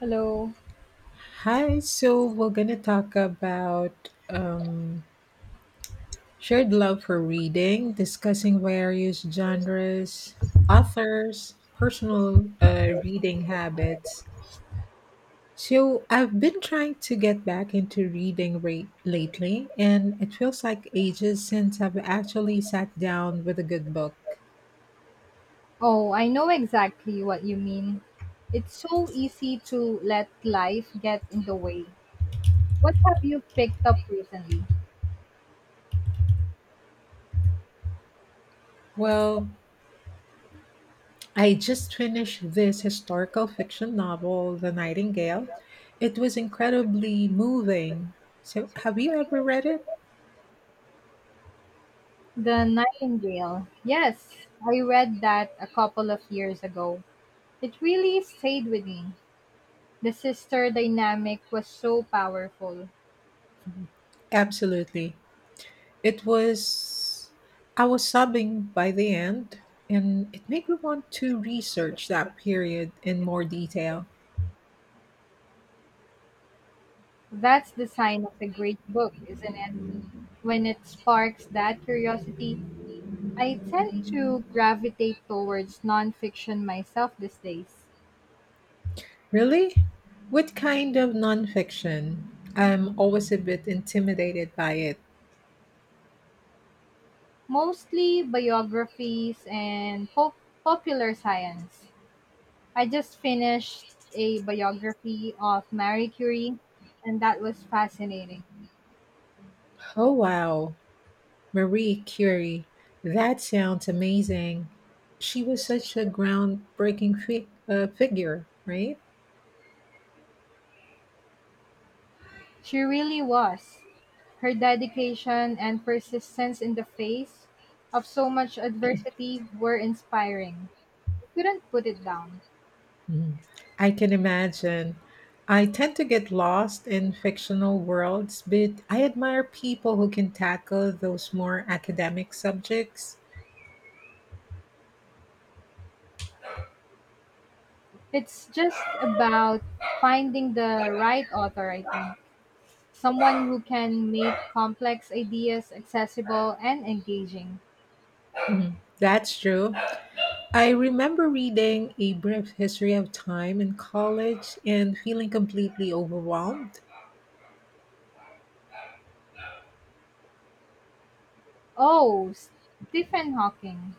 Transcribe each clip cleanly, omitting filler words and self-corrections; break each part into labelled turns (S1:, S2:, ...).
S1: Hello.
S2: Hi, so we're going to talk about shared love for reading, discussing various genres, authors, personal reading habits. So, I've been trying to get back into reading rate lately, and it feels like ages since I've actually sat down with a good book.
S1: Oh, I know exactly what you mean. It's so easy to let life get in the way. What have you picked up recently?
S2: Well, I just finished this historical fiction novel, The Nightingale. It was incredibly moving. So, have you ever read it?
S1: The Nightingale. Yes, I read that a couple of years ago. It really stayed with me. The sister dynamic was so powerful.
S2: Absolutely. It was, I was sobbing by the end, and it made me want to research that period in more detail.
S1: That's the sign of a great book, isn't it? When it sparks that curiosity, I tend to gravitate towards nonfiction myself these days.
S2: Really? What kind of nonfiction? I'm always a bit intimidated by it.
S1: Mostly biographies and popular science. I just finished a biography of Marie Curie, and that was fascinating.
S2: Oh, wow. Marie Curie. That sounds amazing. She was such a groundbreaking figure, right?
S1: She really was. Her dedication and persistence in the face of so much adversity were inspiring. I couldn't put it down.
S2: Mhm. I can imagine. I tend to get lost in fictional worlds, but I admire people who can tackle those more academic subjects.
S1: It's just about finding the right author, I think. Someone who can make complex ideas accessible and engaging.
S2: Mhm. That's true. I remember reading A Brief History of Time in college and feeling completely overwhelmed.
S1: Oh, Stephen Hawking.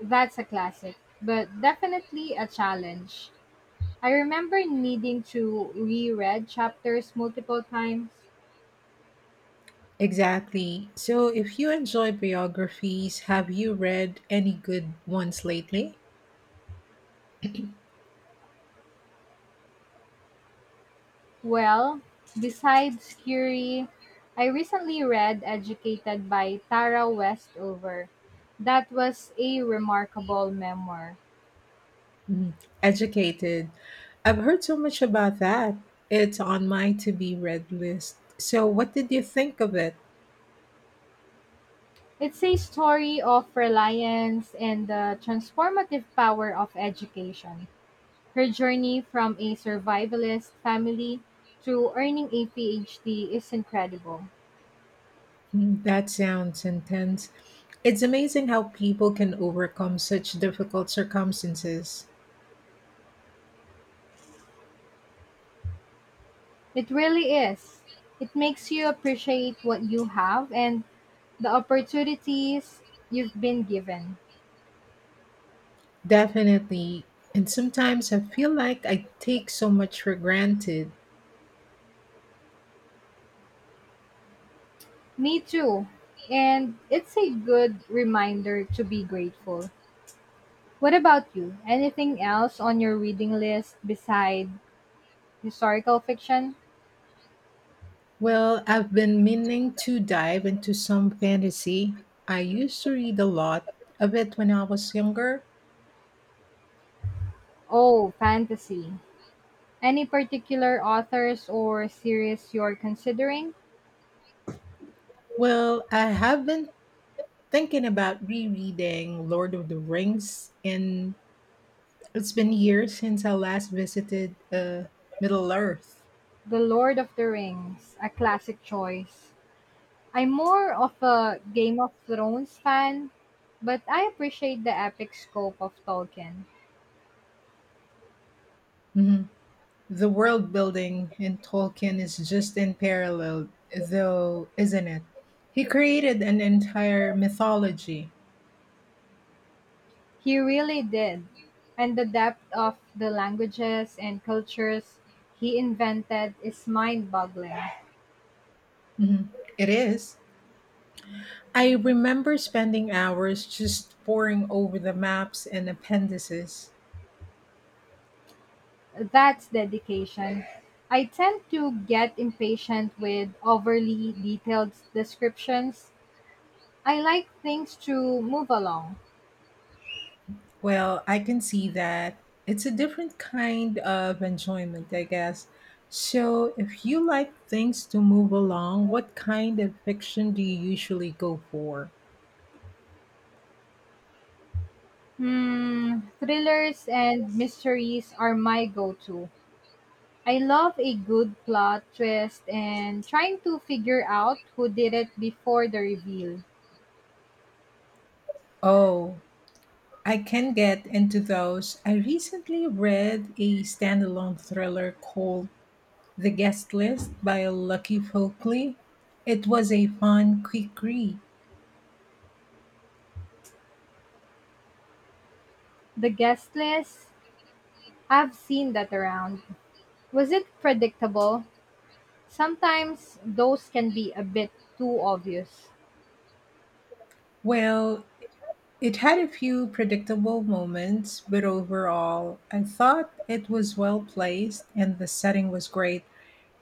S1: That's a classic, but definitely a challenge. I remember needing to reread chapters multiple times.
S2: Exactly. So, if you enjoy biographies, have you read any good ones lately?
S1: Well, besides Curie, I recently read Educated by Tara Westover. That was a remarkable memoir.
S2: Mm, Educated. I've heard so much about that. It's on my to be read list. So, what did you think of it?
S1: It's a story of reliance and the transformative power of education. Her journey from a survivalist family to earning a PhD is incredible.
S2: Mm, that sounds intense. It's amazing how people can overcome such difficult circumstances.
S1: It really is. It makes you appreciate what you have and the opportunities you've been given.
S2: Definitely. And sometimes I feel like I take so much for granted.
S1: Me too. And it's a good reminder to be grateful. What about you? Anything else on your reading list beside historical fiction?
S2: Well, I've been meaning to dive into some fantasy. I used to read a lot of it when I was younger.
S1: Oh, fantasy. Any particular authors or series you're considering?
S2: Well, I have been thinking about rereading Lord of the Rings, and it's been years since I last visited Middle Earth.
S1: The Lord of the Rings, a classic choice. I'm more of a Game of Thrones fan, but I appreciate the epic scope of Tolkien.
S2: Mhm. The world building in Tolkien is just unparalleled, though, isn't it? He created an entire mythology.
S1: He really did. And the depth of the languages and cultures he invented is mind boggling.
S2: Mhm. It is. I remember spending hours just poring over the maps and appendices.
S1: That's dedication. I tend to get impatient with overly detailed descriptions. I like things to move along.
S2: Well, I can see that. It's a different kind of enjoyment, I guess. So, if you like things to move along, what kind of fiction do you usually go for?
S1: Hmm, thrillers and mysteries are my go-to. I love a good plot twist and trying to figure out who did it before the reveal.
S2: Oh, I can get into those. I recently read a standalone thriller called The Guest List by Lucky Folkley. It was a fun, quick read.
S1: The guest list, I've seen that around. Was it predictable? Sometimes those can be a bit too obvious.
S2: Well, it had a few predictable moments, but overall, I thought it was well placed and the setting was great.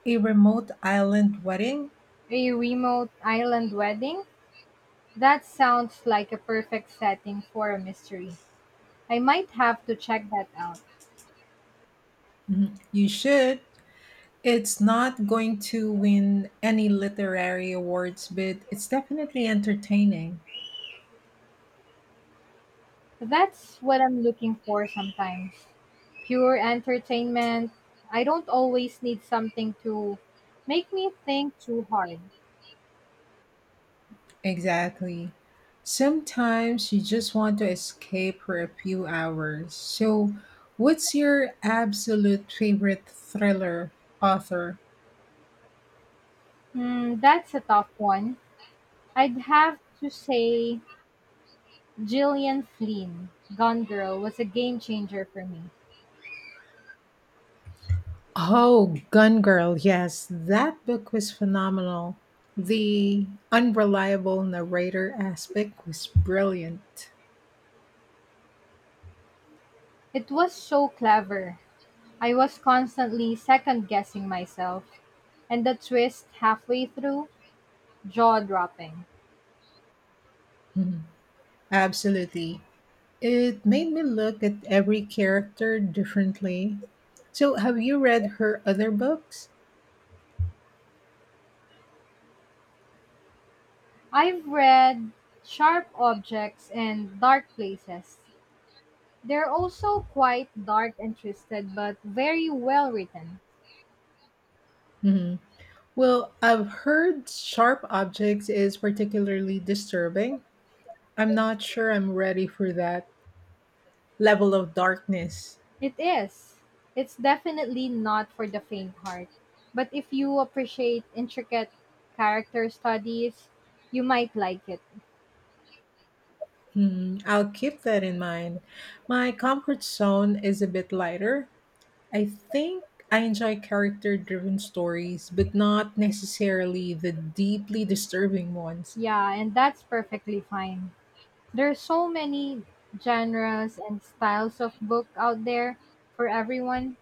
S2: A remote island wedding?
S1: A remote island wedding? That sounds like a perfect setting for a mystery. I might have to check that out.
S2: Mhm. You should. It's not going to win any literary awards, but it's definitely entertaining.
S1: That's what I'm looking for sometimes. Pure entertainment. I don't always need something to make me think too hard.
S2: Exactly. Sometimes you just want to escape for a few hours. So, what's your absolute favorite thriller author?
S1: Hmm, that's a tough one. I'd have to say Gillian Flynn, Gone Girl, was a game changer for me.
S2: Oh, Gun Girl, yes, that book was phenomenal. The unreliable narrator aspect was brilliant.
S1: It was so clever. I was constantly second guessing myself. And the twist halfway through, jaw dropping.
S2: Mhm. Absolutely. It made me look at every character differently. So, have you read her other books?
S1: I've read Sharp Objects and Dark Places, they're also quite dark and twisted, but very well written.
S2: Mhm. Well, I've heard Sharp Objects is particularly disturbing. I'm not sure I'm ready for that level of darkness.
S1: It is. It's definitely not for the faint heart. But if you appreciate intricate character studies, you might like it.
S2: Hmm, I'll keep that in mind. My comfort zone is a bit lighter. I think I enjoy character driven stories, but not necessarily the deeply disturbing ones.
S1: Yeah, and that's perfectly fine. There's so many genres and styles of book out there for everyone.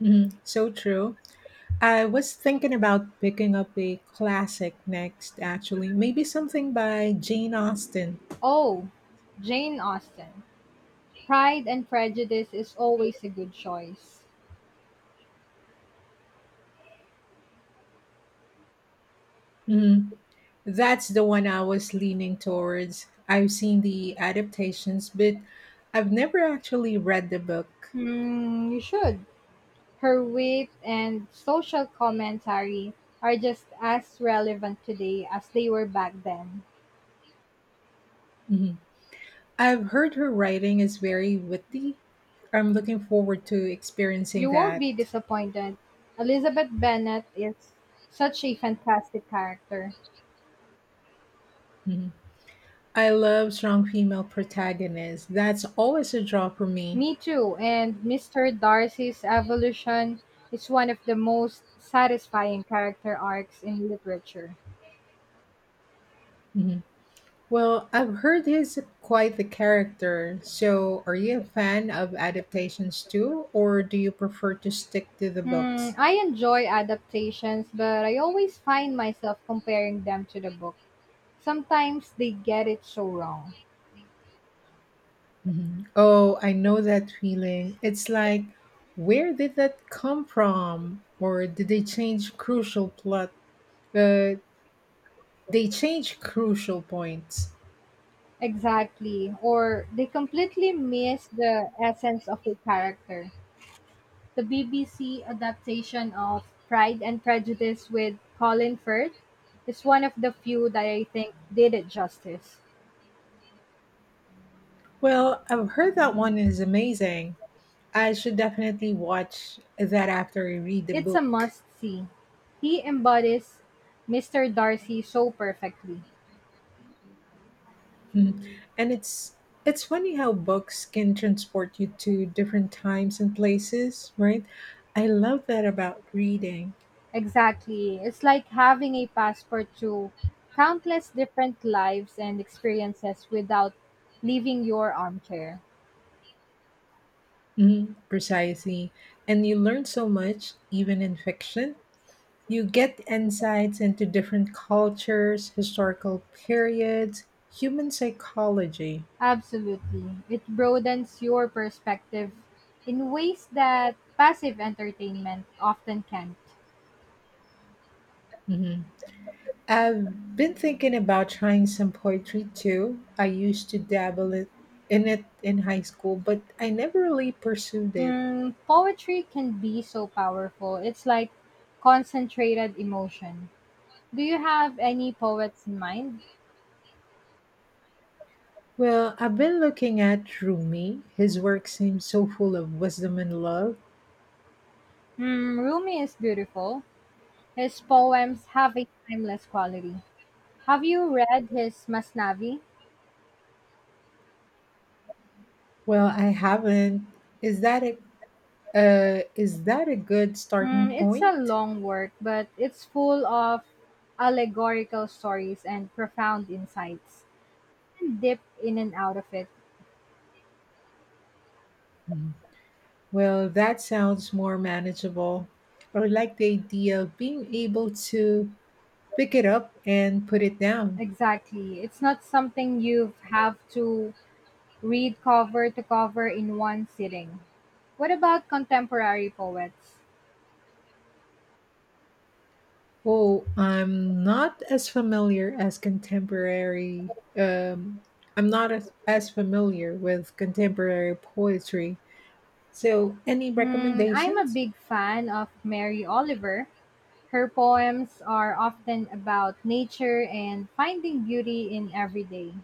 S2: Mhm, so true. I was thinking about picking up a classic next, actually. Maybe something by Jane Austen.
S1: Oh, Jane Austen. Pride and Prejudice is always a good choice.
S2: Mhm, that's the one I was leaning towards. I've seen the adaptations, but I've never actually read the book.
S1: Hmm, you should. Her wit and social commentary are just as relevant today as they were back then.
S2: Mm-hmm. I've heard her writing is very witty. I'm looking forward to experiencing
S1: You won't be
S2: that.
S1: disappointed. Elizabeth Bennet is such a fantastic character.
S2: Mhm. I love strong female protagonists. That's always a draw for me.
S1: Me too, and Mr. Darcy's evolution is one of the most satisfying character arcs in literature.
S2: Mhm. Well, I've heard he's quite the character. So, are you a fan of adaptations too, or do you prefer to stick to the
S1: Hmm,
S2: books?
S1: I enjoy adaptations, but I always find myself comparing them to the book. Sometimes they get it so wrong.
S2: Mhm. Oh, I know that feeling. It's like, where did that come from? Or did they change crucial plot? But they change crucial points.
S1: Exactly. Or they completely miss the essence of the character. The BBC adaptation of Pride and Prejudice with Colin Firth is one of the few that I think did it justice.
S2: Well, I've heard that one is amazing. I should definitely watch that after I read the
S1: It's a
S2: book.
S1: must see. He embodies Mr. Darcy so perfectly.
S2: And it's funny how books can transport you to different times and places, right? I love that about reading.
S1: Exactly. It's like having a passport to countless different lives and experiences without leaving your armchair.
S2: Mhm, precisely. And you learn so much even in fiction. You get insights into different cultures, historical periods, human psychology.
S1: Absolutely. It broadens your perspective in ways that passive entertainment often can't.
S2: Mm-hmm. I've been thinking about trying some poetry too. I used to in it in high school, but I never really pursued it.
S1: Hmm, poetry can be so powerful. It's like concentrated emotion. Do you have any poets in mind?
S2: Well, I've been looking at Rumi. His work seems so full of wisdom and love.
S1: Hmm, Rumi is beautiful. His poems have a timeless quality. Have you read his Masnavi?
S2: Well, I haven't. Is that a is that a good
S1: Hmm,
S2: starting
S1: it's a
S2: point?
S1: long work, but it's full of allegorical stories and profound insights. Dip in and out of it.
S2: Mhm. Well, that sounds more manageable. I like the idea of being able to pick it up and put it down.
S1: Exactly. It's not something you have to read cover to cover in one sitting. What about contemporary poets?
S2: Oh, I'm not as familiar as contemporary. I'm not as familiar with contemporary poetry. So, any
S1: Hmm, I'm a
S2: recommendations?
S1: big fan of Mary Oliver. Her poems are often about nature and finding beauty in everyday.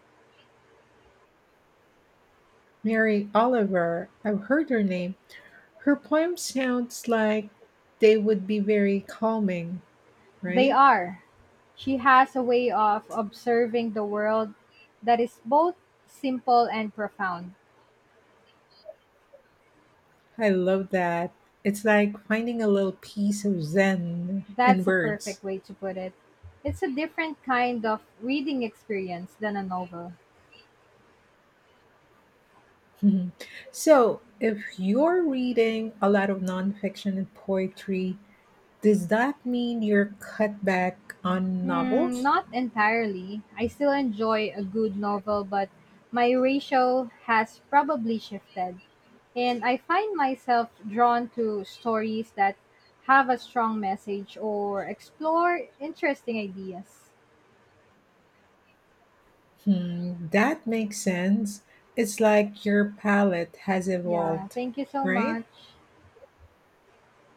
S2: Mary Oliver, I've heard her name. Her poem sounds like they would be very calming,
S1: They
S2: right?
S1: are. She has a way of observing the world that is both simple and profound.
S2: I love that. It's like finding a little piece of zen in
S1: That's a
S2: words.
S1: perfect way to put it. It's a different kind of reading experience than a novel.
S2: Mhm. So, if you're reading a lot of nonfiction and poetry, does that mean you're cut back on
S1: Hmm,
S2: novels?
S1: not entirely. I still enjoy a good novel, but my ratio has probably shifted. And I find myself drawn to stories that have a strong message or explore interesting ideas.
S2: Hmm, that makes sense. It's like your palette has
S1: Yeah,
S2: evolved,
S1: thank you so
S2: right?
S1: much.